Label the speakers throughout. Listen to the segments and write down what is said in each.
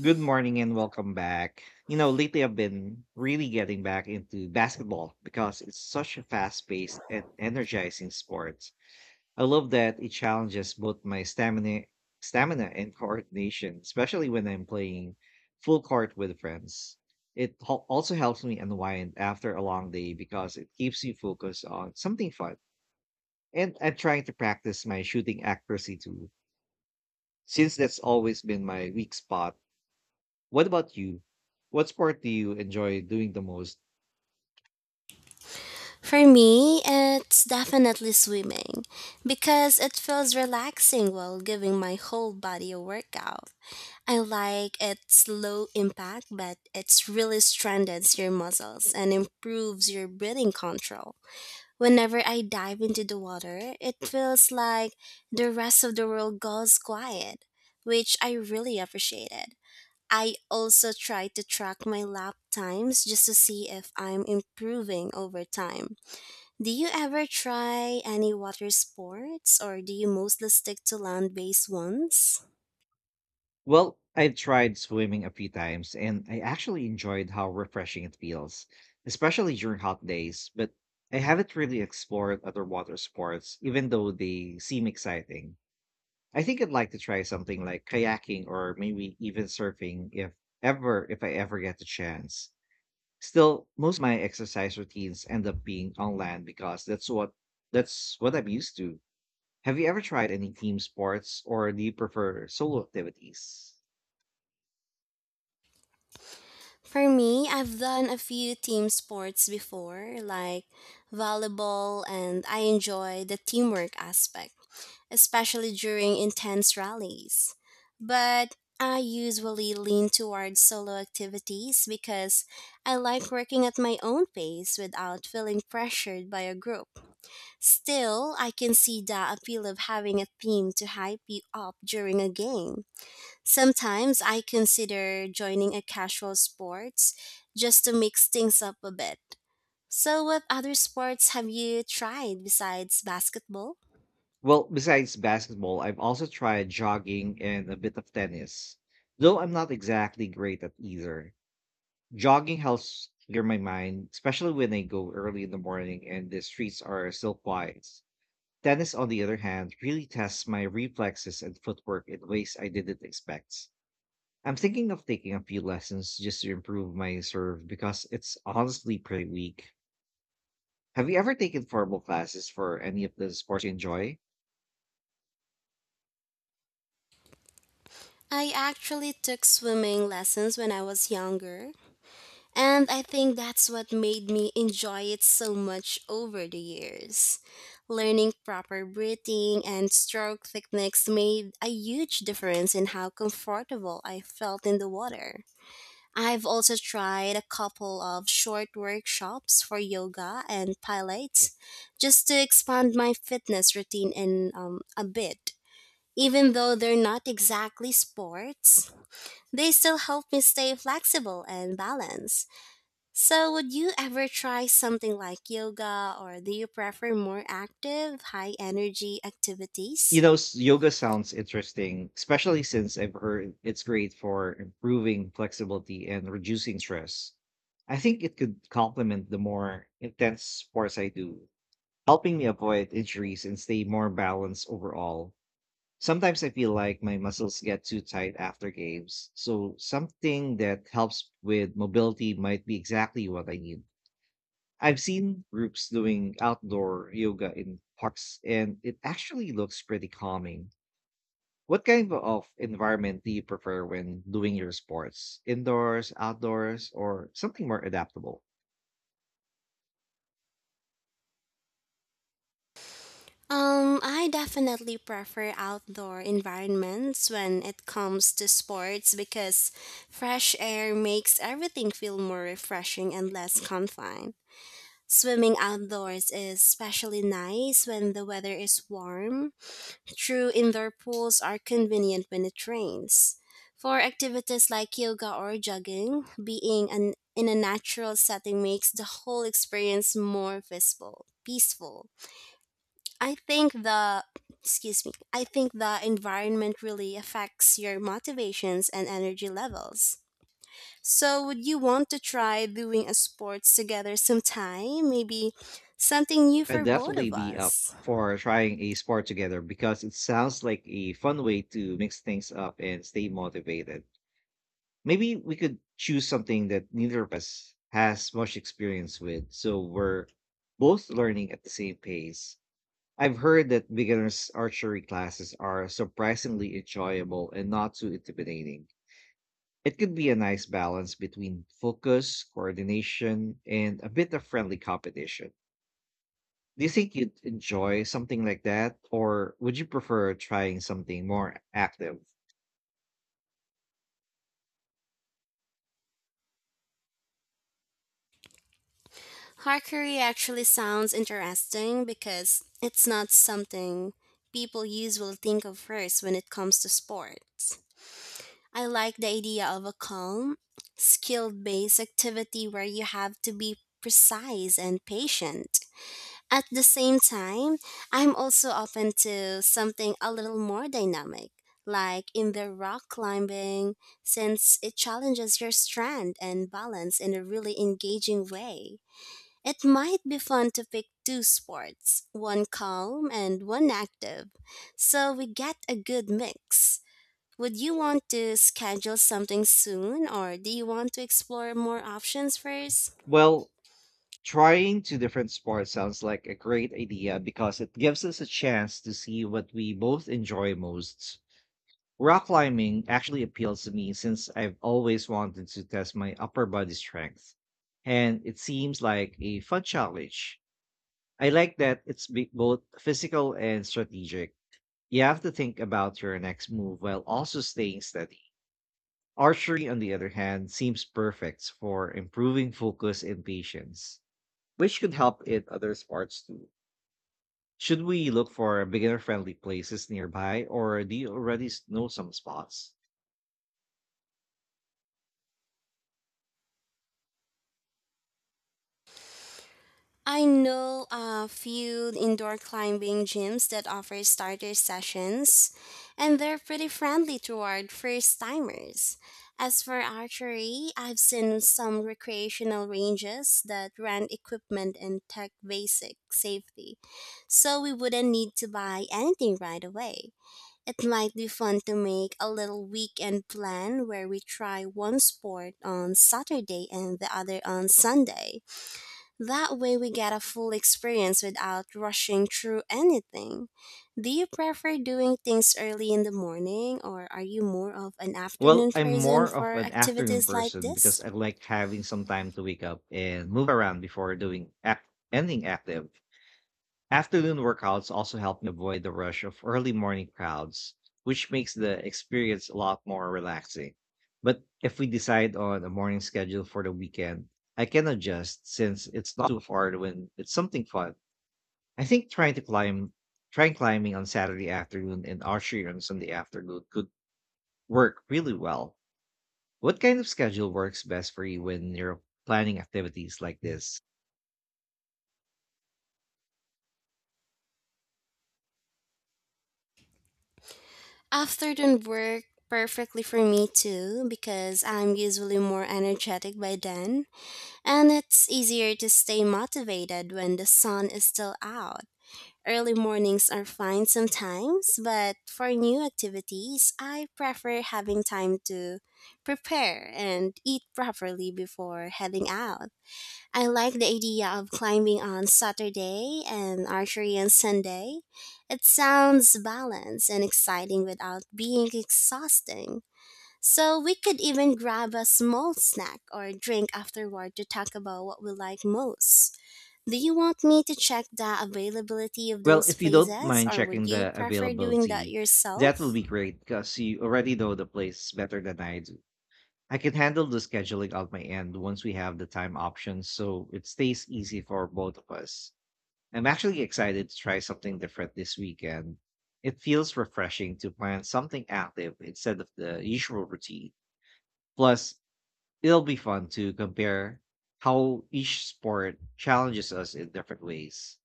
Speaker 1: Good morning and welcome back. Lately I've been really getting back into basketball because it's such a fast paced and energizing sport. I love that it challenges both my stamina and coordination, especially when I'm playing full court with friends. It also helps me unwind after a long day because it keeps me focused on something fun. And I'm trying to practice my shooting accuracy too, since that's always been my weak spot. What about you? What sport do you enjoy doing the most?
Speaker 2: For me, it's definitely swimming because it feels relaxing while giving my whole body a workout. I like its low impact, but it's really strengthens your muscles and improves your breathing control. Whenever I dive into the water, it feels like the rest of the world goes quiet, which I really appreciated. I also try to track my lap times just to see if I'm improving over time. Do you ever try any water sports or do you mostly stick to land based ones?
Speaker 1: Well, I've tried swimming a few times and I actually enjoyed how refreshing it feels, especially during hot days, but I haven't really explored other water sports, even though they seem exciting. I think I'd like to try something like kayaking or maybe even surfing if I ever get the chance. Still, most of my exercise routines end up being on land because that's what I'm used to. Have you ever tried any team sports or do you prefer solo activities?
Speaker 2: For me, I've done a few team sports before, like volleyball, and I enjoy the teamwork aspect, especially during intense rallies. But I usually lean towards solo activities because I like working at my own pace without feeling pressured by a group. Still, I can see the appeal of having a theme to hype you up during a game. Sometimes I consider joining a casual sports just to mix things up a bit. So, what other sports have you tried besides basketball?
Speaker 1: Well, besides basketball, I've also tried jogging and a bit of tennis, though I'm not exactly great at either. Jogging helps clear my mind, especially when I go early in the morning and the streets are still quiet. Tennis, on the other hand, really tests my reflexes and footwork in ways I didn't expect. I'm thinking of taking a few lessons just to improve my serve because it's honestly pretty weak. Have you ever taken formal classes for any of the sports you enjoy?
Speaker 2: I actually took swimming lessons when I was younger, and I think that's what made me enjoy it so much over the years. Learning proper breathing and stroke techniques made a huge difference in how comfortable I felt in the water. I've also tried a couple of short workshops for yoga and pilates just to expand my fitness routine in a bit. Even though they're not exactly sports, they still help me stay flexible and balanced. So, would you ever try something like yoga or do you prefer more active, high energy activities?
Speaker 1: Yoga sounds interesting, especially since I've heard it's great for improving flexibility and reducing stress. I think it could complement the more intense sports I do, helping me avoid injuries and stay more balanced overall. Sometimes I feel like my muscles get too tight after games, so something that helps with mobility might be exactly what I need. I've seen groups doing outdoor yoga in parks, and it actually looks pretty calming. What kind of environment do you prefer when doing your sports? Indoors, outdoors, or something more adaptable?
Speaker 2: I definitely prefer outdoor environments when it comes to sports because fresh air makes everything feel more refreshing and less confined. Swimming outdoors is especially nice when the weather is warm. True, indoor pools are convenient when it rains. For activities like yoga or jogging, being in a natural setting makes the whole experience more visible, peaceful. I think the I think the environment really affects your motivations and energy levels. So would you want to try doing a sports together sometime? Maybe something new
Speaker 1: I'd
Speaker 2: for both
Speaker 1: definitely
Speaker 2: of
Speaker 1: be up
Speaker 2: us.
Speaker 1: for trying a sport together because it sounds like a fun way to mix things up and stay motivated. Maybe we could choose something that neither of us has much experience with, so we're both learning at the same pace. I've heard that beginners archery classes are surprisingly enjoyable and not too intimidating. It could be a nice balance between focus, coordination, and a bit of friendly competition. Do you think you'd enjoy something like that, or would you prefer trying something more active?
Speaker 2: Harkery actually sounds interesting because it's not something people usually think of first when it comes to sports. I like the idea of a calm, skill based activity where you have to be precise and patient. At the same time, I'm also open to something a little more dynamic, like in the rock climbing, since it challenges your strength and balance in a really engaging way. It might be fun to pick two sports, one calm and one active, so we get a good mix. Would you want to schedule something soon, or do you want to explore more options first?
Speaker 1: Well, trying two different sports sounds like a great idea because it gives us a chance to see what we both enjoy most. Rock climbing actually appeals to me since I've always wanted to test my upper body strength, and it seems like a fun challenge. I like that it's both physical and strategic. You have to think about your next move while also staying steady. Archery, on the other hand, seems perfect for improving focus and patience, which could help in other sports too. Should we look for beginner friendly places nearby, or do you already know some spots?
Speaker 2: I know a few indoor climbing gyms that offer starter sessions, and they're pretty friendly toward first timers. As for archery, I've seen some recreational ranges that rent equipment and tech basic safety, so we wouldn't need to buy anything right away. It might be fun to make a little weekend plan where we try one sport on Saturday and the other on Sunday. That way we get a full experience without rushing through anything. Do you prefer doing things early in the morning or are you more of an
Speaker 1: Well,
Speaker 2: afternoon
Speaker 1: I'm
Speaker 2: person
Speaker 1: more of
Speaker 2: for
Speaker 1: an afternoon
Speaker 2: activities like
Speaker 1: person because
Speaker 2: this?
Speaker 1: I like having some time to wake up and move around before doing anything active. Afternoon workouts also help me avoid the rush of early morning crowds, which makes the experience a lot more relaxing. But if we decide on a morning schedule for the weekend, I can adjust since it's not too hard when it's something fun. I think trying climbing on Saturday afternoon and archery on Sunday afternoon could work really well. What kind of schedule works best for you when you're planning activities like this?
Speaker 2: Afternoon work perfectly for me too because I'm usually more energetic by then, and it's easier to stay motivated when the sun is still out. Early mornings are fine sometimes, but for new activities, I prefer having time to prepare and eat properly before heading out. I like the idea of climbing on Saturday and archery on Sunday. It sounds balanced and exciting without being exhausting. So we could even grab a small snack or drink afterward to talk about what we like most. Do you want me to check the availability of
Speaker 1: Well,
Speaker 2: those
Speaker 1: if you don't
Speaker 2: places
Speaker 1: mind
Speaker 2: or would
Speaker 1: checking
Speaker 2: you
Speaker 1: the
Speaker 2: prefer doing that
Speaker 1: availability, that will
Speaker 2: yourself?
Speaker 1: be great because you already know the place better than I do. I can handle the scheduling on my end once we have the time options, so it stays easy for both of us. I'm actually excited to try something different this weekend. It feels refreshing to plan something active instead of the usual routine. Plus, it'll be fun to compare how each sport challenges us in different ways.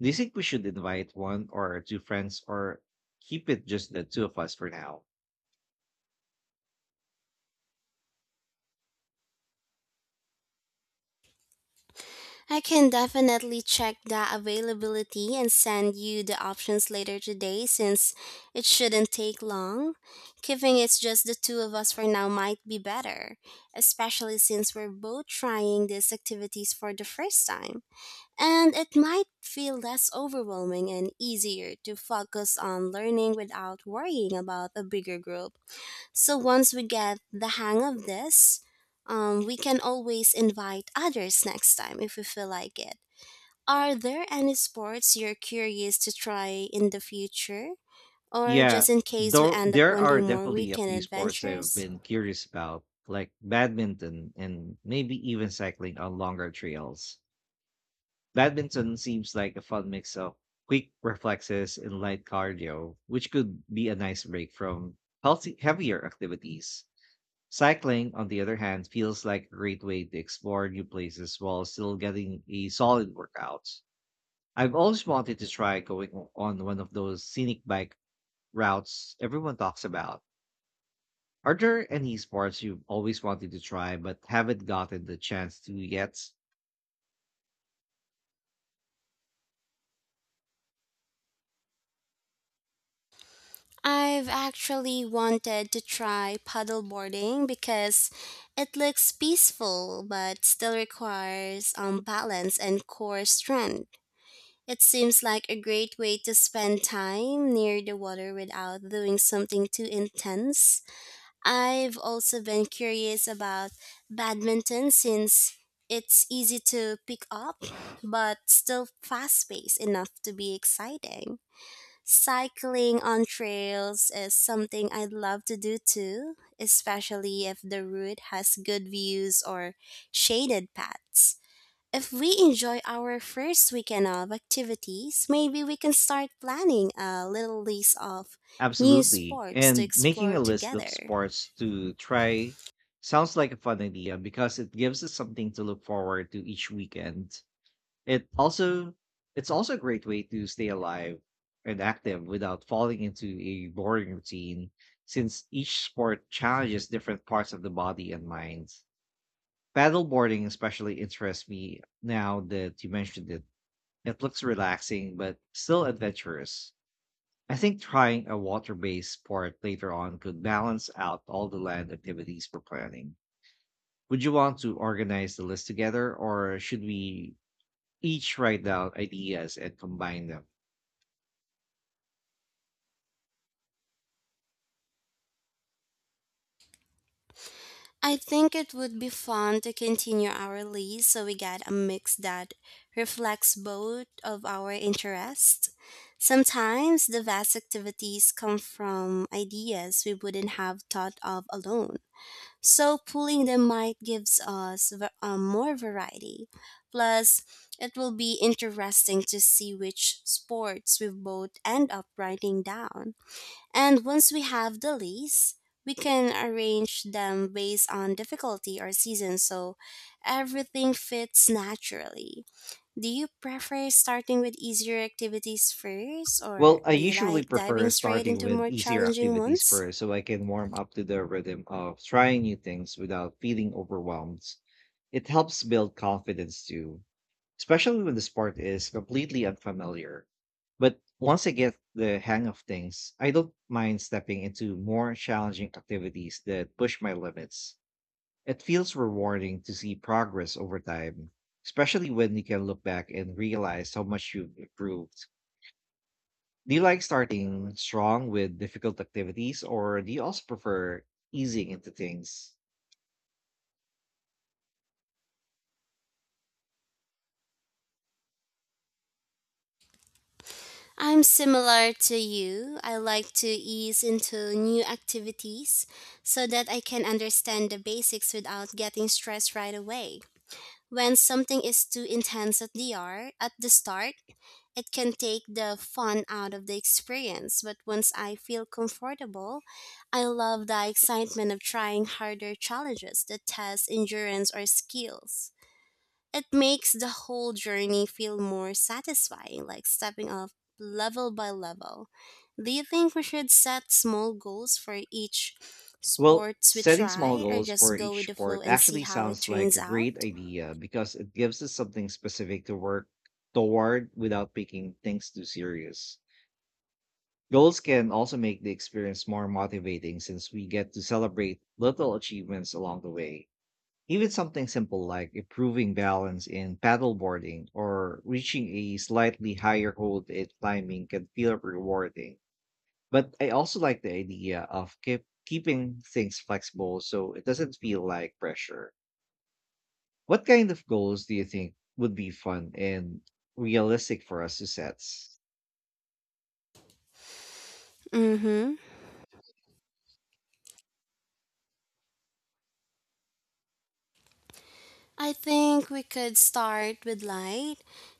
Speaker 1: Do you think we should invite one or two friends or keep it just the two of us for now?
Speaker 2: I can definitely check the availability and send you the options later today since it shouldn't take long. Keeping it's just the two of us for now might be better, especially since we're both trying these activities for the first time. And it might feel less overwhelming and easier to focus on learning without worrying about a bigger group. So once we get the hang of this, we can always invite others next time if we feel like it. Are there any sports you're curious to try in the future? Or
Speaker 1: Yeah,
Speaker 2: just in case we
Speaker 1: though
Speaker 2: end up
Speaker 1: there are
Speaker 2: wanting more
Speaker 1: definitely a
Speaker 2: weekend
Speaker 1: few sports I've
Speaker 2: adventures?
Speaker 1: been curious about, like badminton and maybe even cycling on longer trails. Badminton seems like a fun mix of quick reflexes and light cardio, which could be a nice break from healthy heavier activities. Cycling, on the other hand, feels like a great way to explore new places while still getting a solid workout. I've always wanted to try going on one of those scenic bike routes everyone talks about. Are there any sports you've always wanted to try but haven't gotten the chance to yet?
Speaker 2: I've actually wanted to try paddleboarding because it looks peaceful but still requires balance and core strength. It seems like a great way to spend time near the water without doing something too intense. I've also been curious about badminton since it's easy to pick up but still fast paced enough to be exciting. Cycling on trails is something I'd love to do too, especially if the route has good views or shaded paths. If we enjoy our first weekend of activities, maybe we can start planning a little list of new
Speaker 1: Absolutely.
Speaker 2: sports to
Speaker 1: And making
Speaker 2: explore
Speaker 1: a list of
Speaker 2: together.
Speaker 1: sports to try sounds like a fun idea because it gives us something to look forward to each weekend. It also it's also a great way to stay alive and active without falling into a boring routine, since each sport challenges different parts of the body and mind. Paddleboarding especially interests me now that you mentioned it. It looks relaxing but still adventurous. I think trying a water-based sport later on could balance out all the land activities we're planning. Would you want to organize the list together, or should we each write down ideas and combine them?
Speaker 2: I think it would be fun to continue our list so we get a mix that reflects both of our interests. Sometimes the best activities come from ideas we wouldn't have thought of alone. So pooling them might gives us more variety. Plus, it will be interesting to see which sports we both end up writing down. And once we have the list, we can arrange them based on difficulty or season so everything fits naturally. Do you prefer starting with easier activities first, or
Speaker 1: Well, I
Speaker 2: do you
Speaker 1: usually
Speaker 2: like
Speaker 1: prefer
Speaker 2: diving straight
Speaker 1: starting
Speaker 2: into
Speaker 1: with
Speaker 2: more
Speaker 1: easier
Speaker 2: challenging
Speaker 1: activities
Speaker 2: ones?
Speaker 1: first so I can warm up to the rhythm of trying new things without feeling overwhelmed. It helps build confidence too, especially when the sport is completely unfamiliar. But once I get the hang of things, I don't mind stepping into more challenging activities that push my limits. It feels rewarding to see progress over time, especially when you can look back and realize how much you've improved. Do you like starting strong with difficult activities, or do you also prefer easing into things?
Speaker 2: I'm similar to you. I like to ease into new activities so that I can understand the basics without getting stressed right away. When something is too intense at the start, it can take the fun out of the experience, but once I feel comfortable, I love the excitement of trying harder challenges that test endurance or skills. It makes the whole journey feel more satisfying, like stepping up level by level. Do you think we should set small goals for each
Speaker 1: Well,
Speaker 2: sports we
Speaker 1: setting small
Speaker 2: try or
Speaker 1: goals for
Speaker 2: just go
Speaker 1: each
Speaker 2: with the
Speaker 1: sport
Speaker 2: flow and see
Speaker 1: actually
Speaker 2: how it
Speaker 1: sounds like
Speaker 2: turns
Speaker 1: a great
Speaker 2: out?
Speaker 1: idea because it gives us something specific to work toward without making things too serious. Goals can also make the experience more motivating since we get to celebrate little achievements along the way. Even something simple like improving balance in paddleboarding or reaching a slightly higher hold in climbing can feel rewarding. But I also like the idea of keeping things flexible so it doesn't feel like pressure. What kind of goals do you think would be fun and realistic for us to set?
Speaker 2: Mm hmm. I think we could start with light,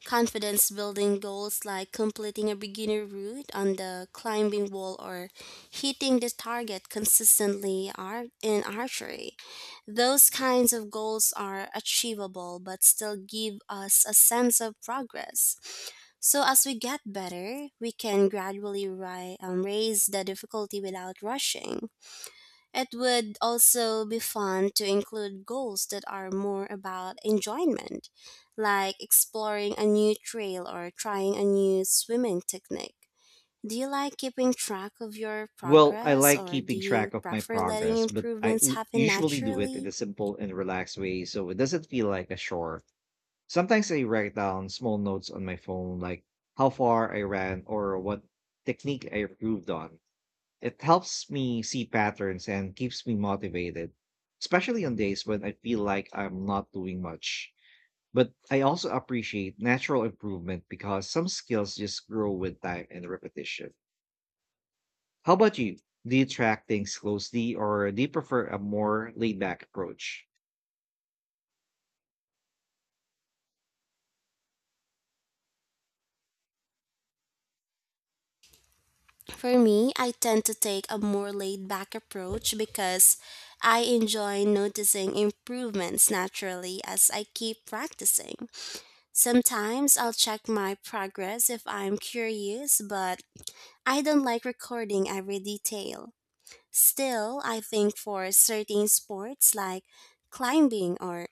Speaker 2: confidence building goals like completing a beginner route on the climbing wall or hitting the target consistently in archery. Those kinds of goals are achievable but still give us a sense of progress. So, as we get better, we can gradually raise the difficulty without rushing. It would also be fun to include goals that are more about enjoyment, like exploring a new trail or trying a new swimming technique. Do you like keeping track of your
Speaker 1: Well, I
Speaker 2: progress
Speaker 1: like
Speaker 2: or do
Speaker 1: keeping track
Speaker 2: you
Speaker 1: of my
Speaker 2: prefer letting
Speaker 1: progress, but I
Speaker 2: improvements
Speaker 1: u-
Speaker 2: happen
Speaker 1: usually do it in
Speaker 2: naturally?
Speaker 1: a simple and relaxed way so it doesn't feel like a chore. Sometimes I write down small notes on my phone, like how far I ran or what technique I improved on. It helps me see patterns and keeps me motivated, especially on days when I feel like I'm not doing much. But I also appreciate natural improvement because some skills just grow with time and repetition. How about you? Do you track things closely or do you prefer a more laid back approach?
Speaker 2: For me, I tend to take a more laid back approach because I enjoy noticing improvements naturally as I keep practicing. Sometimes I'll check my progress if I'm curious, but I don't like recording every detail. Still, I think for certain sports like climbing or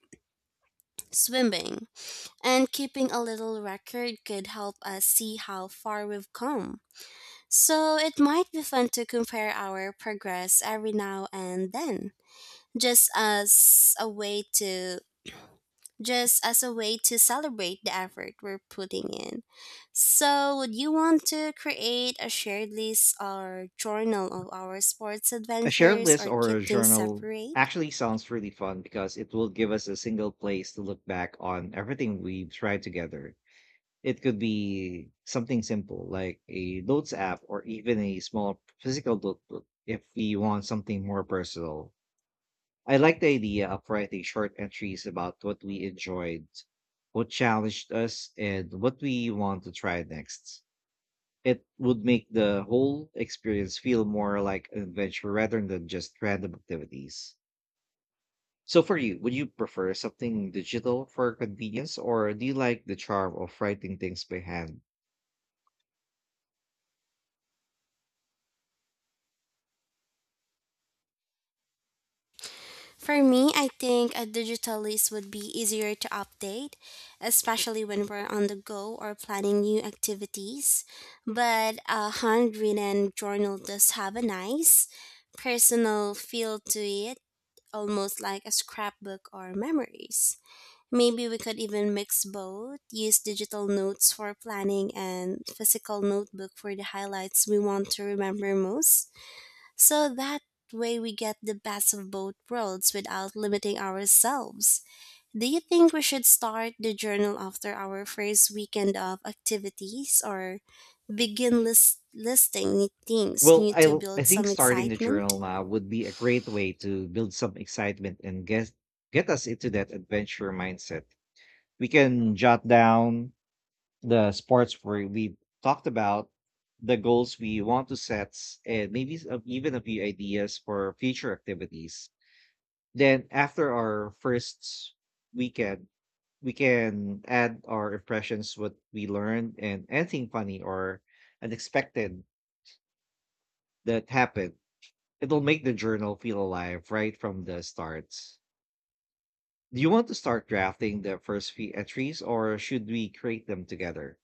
Speaker 2: swimming, and keeping a little record could help us see how far we've come. So it might be fun to compare our progress every now and then, just as a way to celebrate the effort we're putting in. So, would you want to create a shared list or journal of our sports
Speaker 1: A shared
Speaker 2: adventures
Speaker 1: list
Speaker 2: or
Speaker 1: or
Speaker 2: keep
Speaker 1: a
Speaker 2: things
Speaker 1: journal
Speaker 2: separate?
Speaker 1: actually sounds really fun because it will give us a single place to look back on everything we've tried together. It could be something simple like a notes app or even a small physical notebook if we want something more personal. I like the idea of writing short entries about what we enjoyed, what challenged us, and what we want to try next. It would make the whole experience feel more like an adventure rather than just random activities. So for you, would you prefer something digital for convenience, or do you like the charm of writing things by hand?
Speaker 2: For me, I think a digital list would be easier to update, especially when we're on the go or planning new activities. But a handwritten journal does have a nice personal feel to it, almost like a scrapbook or memories. Maybe we could even mix both, use digital notes for planning and physical notebook for the highlights we want to remember most. So that way we get the best of both worlds without limiting ourselves. Do you think we should start the journal after our first weekend of activities or begin listing new things
Speaker 1: Well,
Speaker 2: new
Speaker 1: I
Speaker 2: to
Speaker 1: l- I
Speaker 2: build
Speaker 1: think
Speaker 2: some
Speaker 1: starting the
Speaker 2: excitement?
Speaker 1: journal now would be a great way to build some excitement and get us into that adventure mindset. We can jot down the sports where we talked about, the goals we want to set, and maybe even a few ideas for future activities. Then after our first weekend, we can add our impressions, what we learned, and anything funny or unexpected that happened. It'll make the journal feel alive right from the start. Do you want to start drafting the first few entries or should we create them together?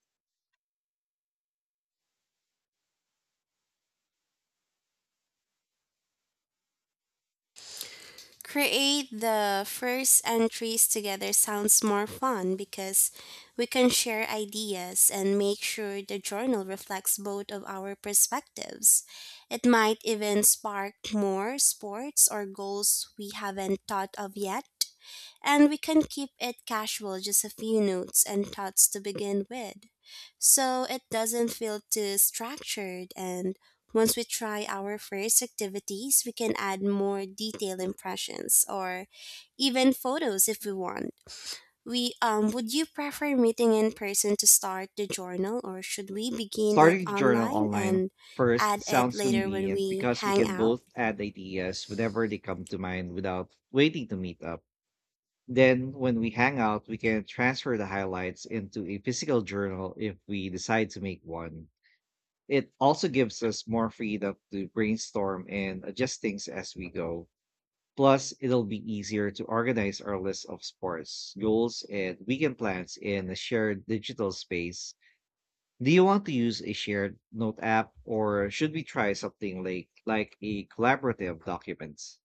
Speaker 2: Create the first entries together sounds more fun because we can share ideas and make sure the journal reflects both of our perspectives. It might even spark more sports or goals we haven't thought of yet, and we can keep it casual, just a few notes and thoughts to begin with. So it doesn't feel too structured, and once we try our first activities, we can add more detailed impressions or even photos if we want. We would you prefer meeting in person to start the journal or should we begin it
Speaker 1: Starting a journal
Speaker 2: online
Speaker 1: online
Speaker 2: and
Speaker 1: first
Speaker 2: add it
Speaker 1: sounds
Speaker 2: later when
Speaker 1: convenient
Speaker 2: we
Speaker 1: because we
Speaker 2: hang
Speaker 1: can
Speaker 2: out?
Speaker 1: both add ideas whenever they come to mind without waiting to meet up. Then, when we hang out, we can transfer the highlights into a physical journal if we decide to make one. It also gives us more freedom to brainstorm and adjust things as we go. Plus, it'll be easier to organize our list of sports, goals, and weekend plans in a shared digital space. Do you want to use a shared note app or should we try something like a collaborative documents?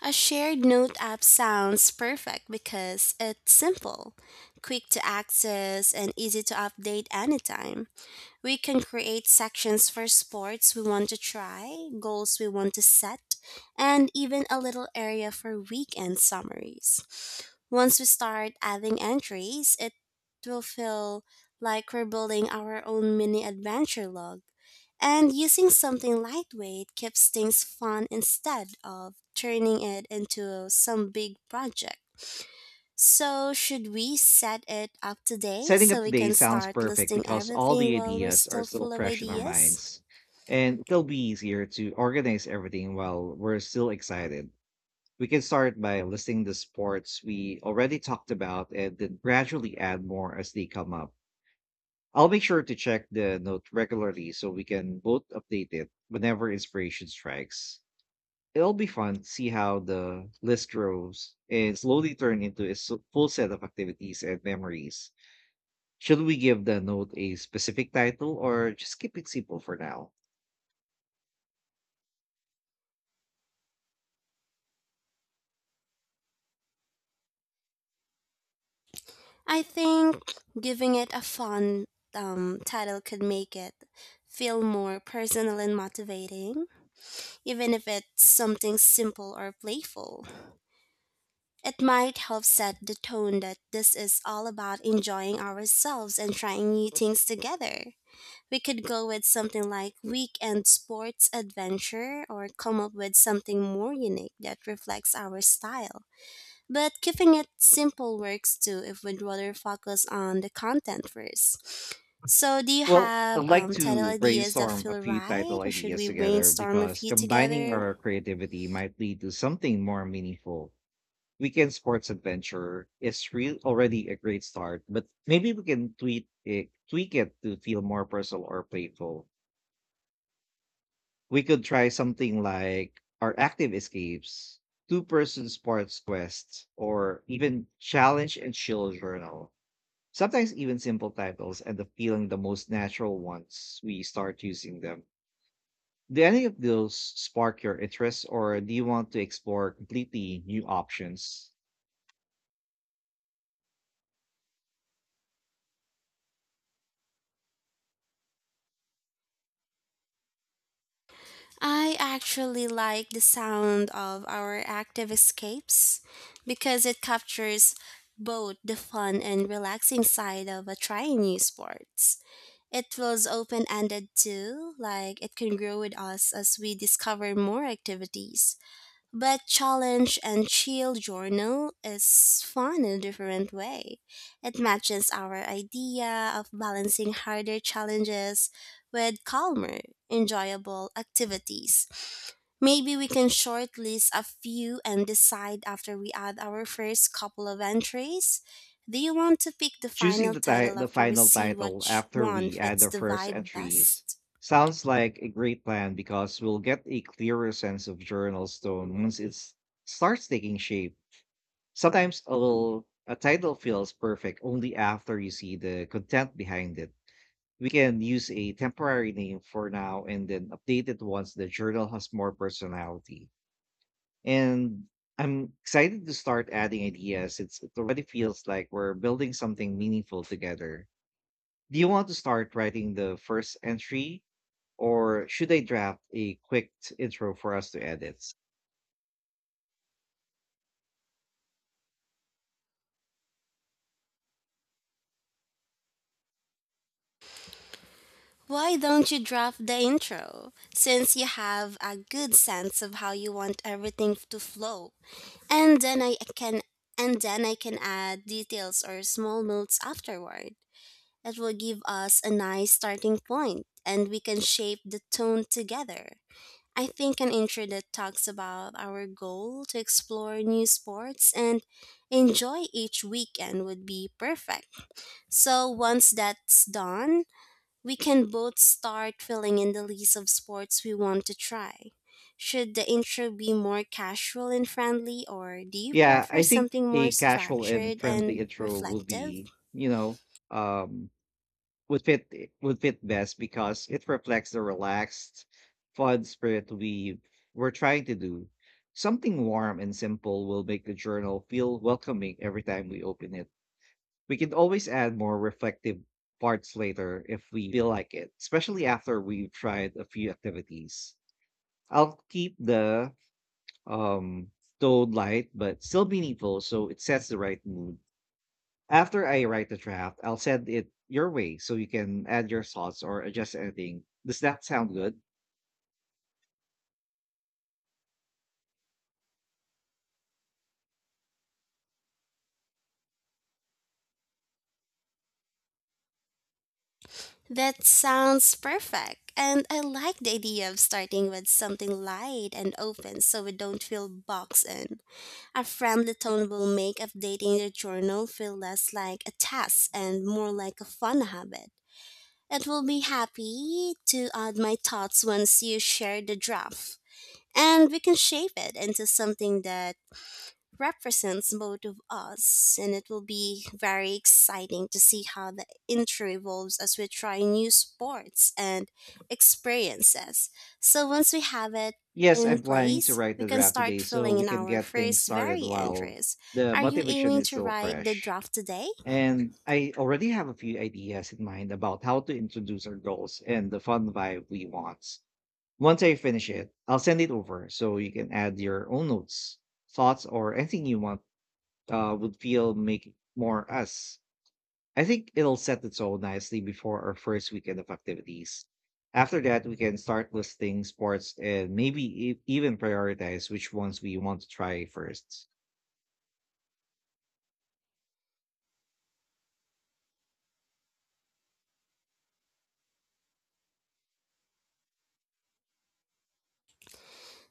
Speaker 2: A shared note app sounds perfect because it's simple, quick to access, and easy to update anytime. We can create sections for sports we want to try, goals we want to set, and even a little area for weekend summaries. Once we start adding entries, it will feel like we're building our own mini adventure log. And using something lightweight keeps things fun instead of turning it into some big project. So, should we set it up today
Speaker 1: Setting up
Speaker 2: so we
Speaker 1: today
Speaker 2: can
Speaker 1: sounds
Speaker 2: start
Speaker 1: perfect
Speaker 2: listing
Speaker 1: because all
Speaker 2: everything
Speaker 1: the
Speaker 2: while we're
Speaker 1: ideas are
Speaker 2: still
Speaker 1: still
Speaker 2: full of
Speaker 1: fresh in our
Speaker 2: ideas?
Speaker 1: minds. And it'll be easier to organize everything while we're still excited. We can start by listing the sports we already talked about and then gradually add more as they come up. I'll make sure to check the note regularly so we can both update it whenever inspiration strikes. It'll be fun to see how the list grows and slowly turn into a full set of activities and memories. Should we give the note a specific title or just keep it simple for now?
Speaker 2: I think giving it a fun title could make it feel more personal and motivating, even if it's something simple or playful. It might help set the tone that this is all about enjoying ourselves and trying new things together. We could go with something like Weekend Sports Adventure, or come up with something more unique that reflects our style. But keeping it simple works too if we'd rather focus on the content first. So, do you
Speaker 1: Well, I'd
Speaker 2: have
Speaker 1: like
Speaker 2: title
Speaker 1: to
Speaker 2: ideas that
Speaker 1: brainstorm a
Speaker 2: feel
Speaker 1: few
Speaker 2: right,
Speaker 1: title
Speaker 2: or should
Speaker 1: ideas
Speaker 2: we
Speaker 1: together
Speaker 2: brainstorm a
Speaker 1: because
Speaker 2: few
Speaker 1: combining
Speaker 2: together?
Speaker 1: our creativity might lead to something more meaningful. Weekend Sports Adventure is real already a great start, but maybe we can tweak it to feel more personal or playful. We could try something like our active escapes, two-person sports quests, or even challenge and chill journal. Sometimes even simple titles end up feeling the most natural once we start using them. Do any of those spark your interest, or do you want to explore completely new options?
Speaker 2: I actually like the sound of Our Active Escapes, because it captures both the fun and relaxing side of a trying new sports. It feels open ended too, like it can grow with us as we discover more activities. But Challenge and Chill Journal is fun in a different way. It matches our idea of balancing harder challenges with calmer, enjoyable activities. Maybe we can shortlist a few and decide after we add our first couple of entries. Do you want to pick the
Speaker 1: Choosing
Speaker 2: final
Speaker 1: the, ti-
Speaker 2: title
Speaker 1: the
Speaker 2: after we
Speaker 1: final
Speaker 2: see
Speaker 1: title
Speaker 2: which
Speaker 1: after
Speaker 2: one
Speaker 1: we add
Speaker 2: fits
Speaker 1: the
Speaker 2: the
Speaker 1: first
Speaker 2: vibe
Speaker 1: entries
Speaker 2: best?
Speaker 1: sounds like a great plan because we'll get a clearer sense of Journal Stone once it starts taking shape. Sometimes a title feels perfect only after you see the content behind it. We can use a temporary name for now and then update it once the journal has more personality. And I'm excited to start adding ideas. It already feels like we're building something meaningful together. Do you want to start writing the first entry or should I draft a quick intro for us to edit?
Speaker 2: Why don't you draft the intro? Since you have a good sense of how you want everything to flow, and then I can and then I can add details or small notes afterward. It will give us a nice starting point, and we can shape the tone together. I think an intro that talks about our goal to explore new sports and enjoy each weekend would be perfect. So once that's done, we can both start filling in the list of sports we want to try. Should the intro be more casual and friendly, or do you
Speaker 1: Yeah, I
Speaker 2: prefer
Speaker 1: think
Speaker 2: something more
Speaker 1: a casual and
Speaker 2: structured
Speaker 1: friendly
Speaker 2: and
Speaker 1: intro will
Speaker 2: reflective?
Speaker 1: be, you know, um would fit best because it reflects the relaxed, fun spirit we're trying to do. Something warm and simple will make the journal feel welcoming every time we open it. We can always add more reflective parts later if we feel like it, especially after we've tried a few activities. I'll keep the um tone light but still meaningful so it sets the right mood. After I write the draft, I'll send it your way so you can add your thoughts or adjust anything. Does that sound good?
Speaker 2: That sounds perfect, and I like the idea of starting with something light and open so we don't feel boxed in. A friendly tone will make updating the journal feel less like a task and more like a fun habit. It will be happy to add my thoughts once you share the draft, and we can shape it into something that represents both of us. And it will be very exciting to see how the intro evolves as we try new sports and experiences. So once we have it
Speaker 1: Yes,
Speaker 2: in
Speaker 1: I'm planning to
Speaker 2: place,
Speaker 1: write
Speaker 2: we
Speaker 1: the
Speaker 2: can
Speaker 1: draft
Speaker 2: start
Speaker 1: today so
Speaker 2: filling
Speaker 1: we
Speaker 2: in
Speaker 1: can
Speaker 2: our
Speaker 1: get things
Speaker 2: first
Speaker 1: started
Speaker 2: very
Speaker 1: while
Speaker 2: entries.
Speaker 1: the
Speaker 2: Are you
Speaker 1: motivation
Speaker 2: aiming
Speaker 1: is
Speaker 2: to
Speaker 1: still
Speaker 2: write the
Speaker 1: fresh.
Speaker 2: draft today?
Speaker 1: And I already have a few ideas in mind about how to introduce our goals and the fun vibe we want. Once I finish it, I'll send it over so you can add your own notes, thoughts, or anything you want would feel make it more us. I think it'll set the tone nicely before our first weekend of activities. After that, we can start listing sports and maybe even prioritize which ones we want to try first.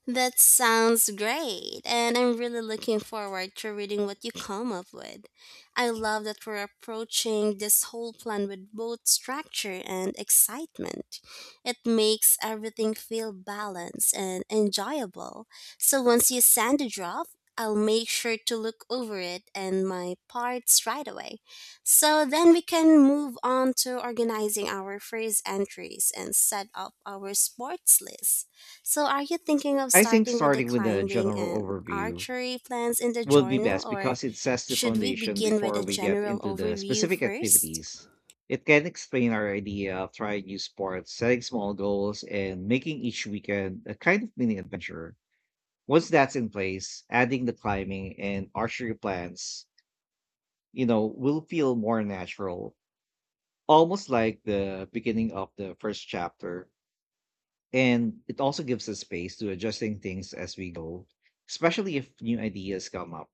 Speaker 2: That sounds great, and I'm really looking forward to reading what you come up with. I love that we're approaching this whole plan with both structure and excitement. It makes everything feel balanced and enjoyable. So once you send the draft, I'll make sure to look over it and my parts right away. So then we can move on to organizing our phrase entries and set up our sports list. So, are you thinking of
Speaker 1: I think
Speaker 2: starting with the
Speaker 1: starting with a
Speaker 2: climbing
Speaker 1: general
Speaker 2: and
Speaker 1: overview
Speaker 2: archery plans in the
Speaker 1: would be
Speaker 2: journal,
Speaker 1: best
Speaker 2: or
Speaker 1: because it sets the
Speaker 2: should we
Speaker 1: foundation
Speaker 2: begin with
Speaker 1: before
Speaker 2: a
Speaker 1: we get
Speaker 2: general
Speaker 1: into the
Speaker 2: overview
Speaker 1: specific
Speaker 2: first?
Speaker 1: activities. It can explain our idea of trying new sports, setting small goals, and making each weekend a kind of mini adventure. Once that's in place, adding the climbing and archery plans, you know, will feel more natural, almost like the beginning of the first chapter. And it also gives us space to adjusting things as we go, especially if new ideas come up.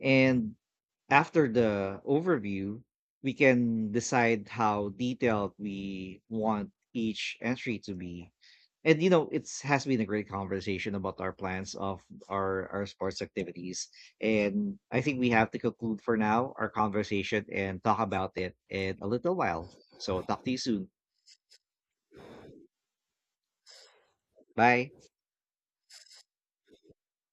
Speaker 1: And after the overview, we can decide how detailed we want each entry to be. And you know, it's has been a great conversation about our plans of our sports activities. And I think we have to conclude for now our conversation and talk about it in a little while. So talk to you soon. Bye.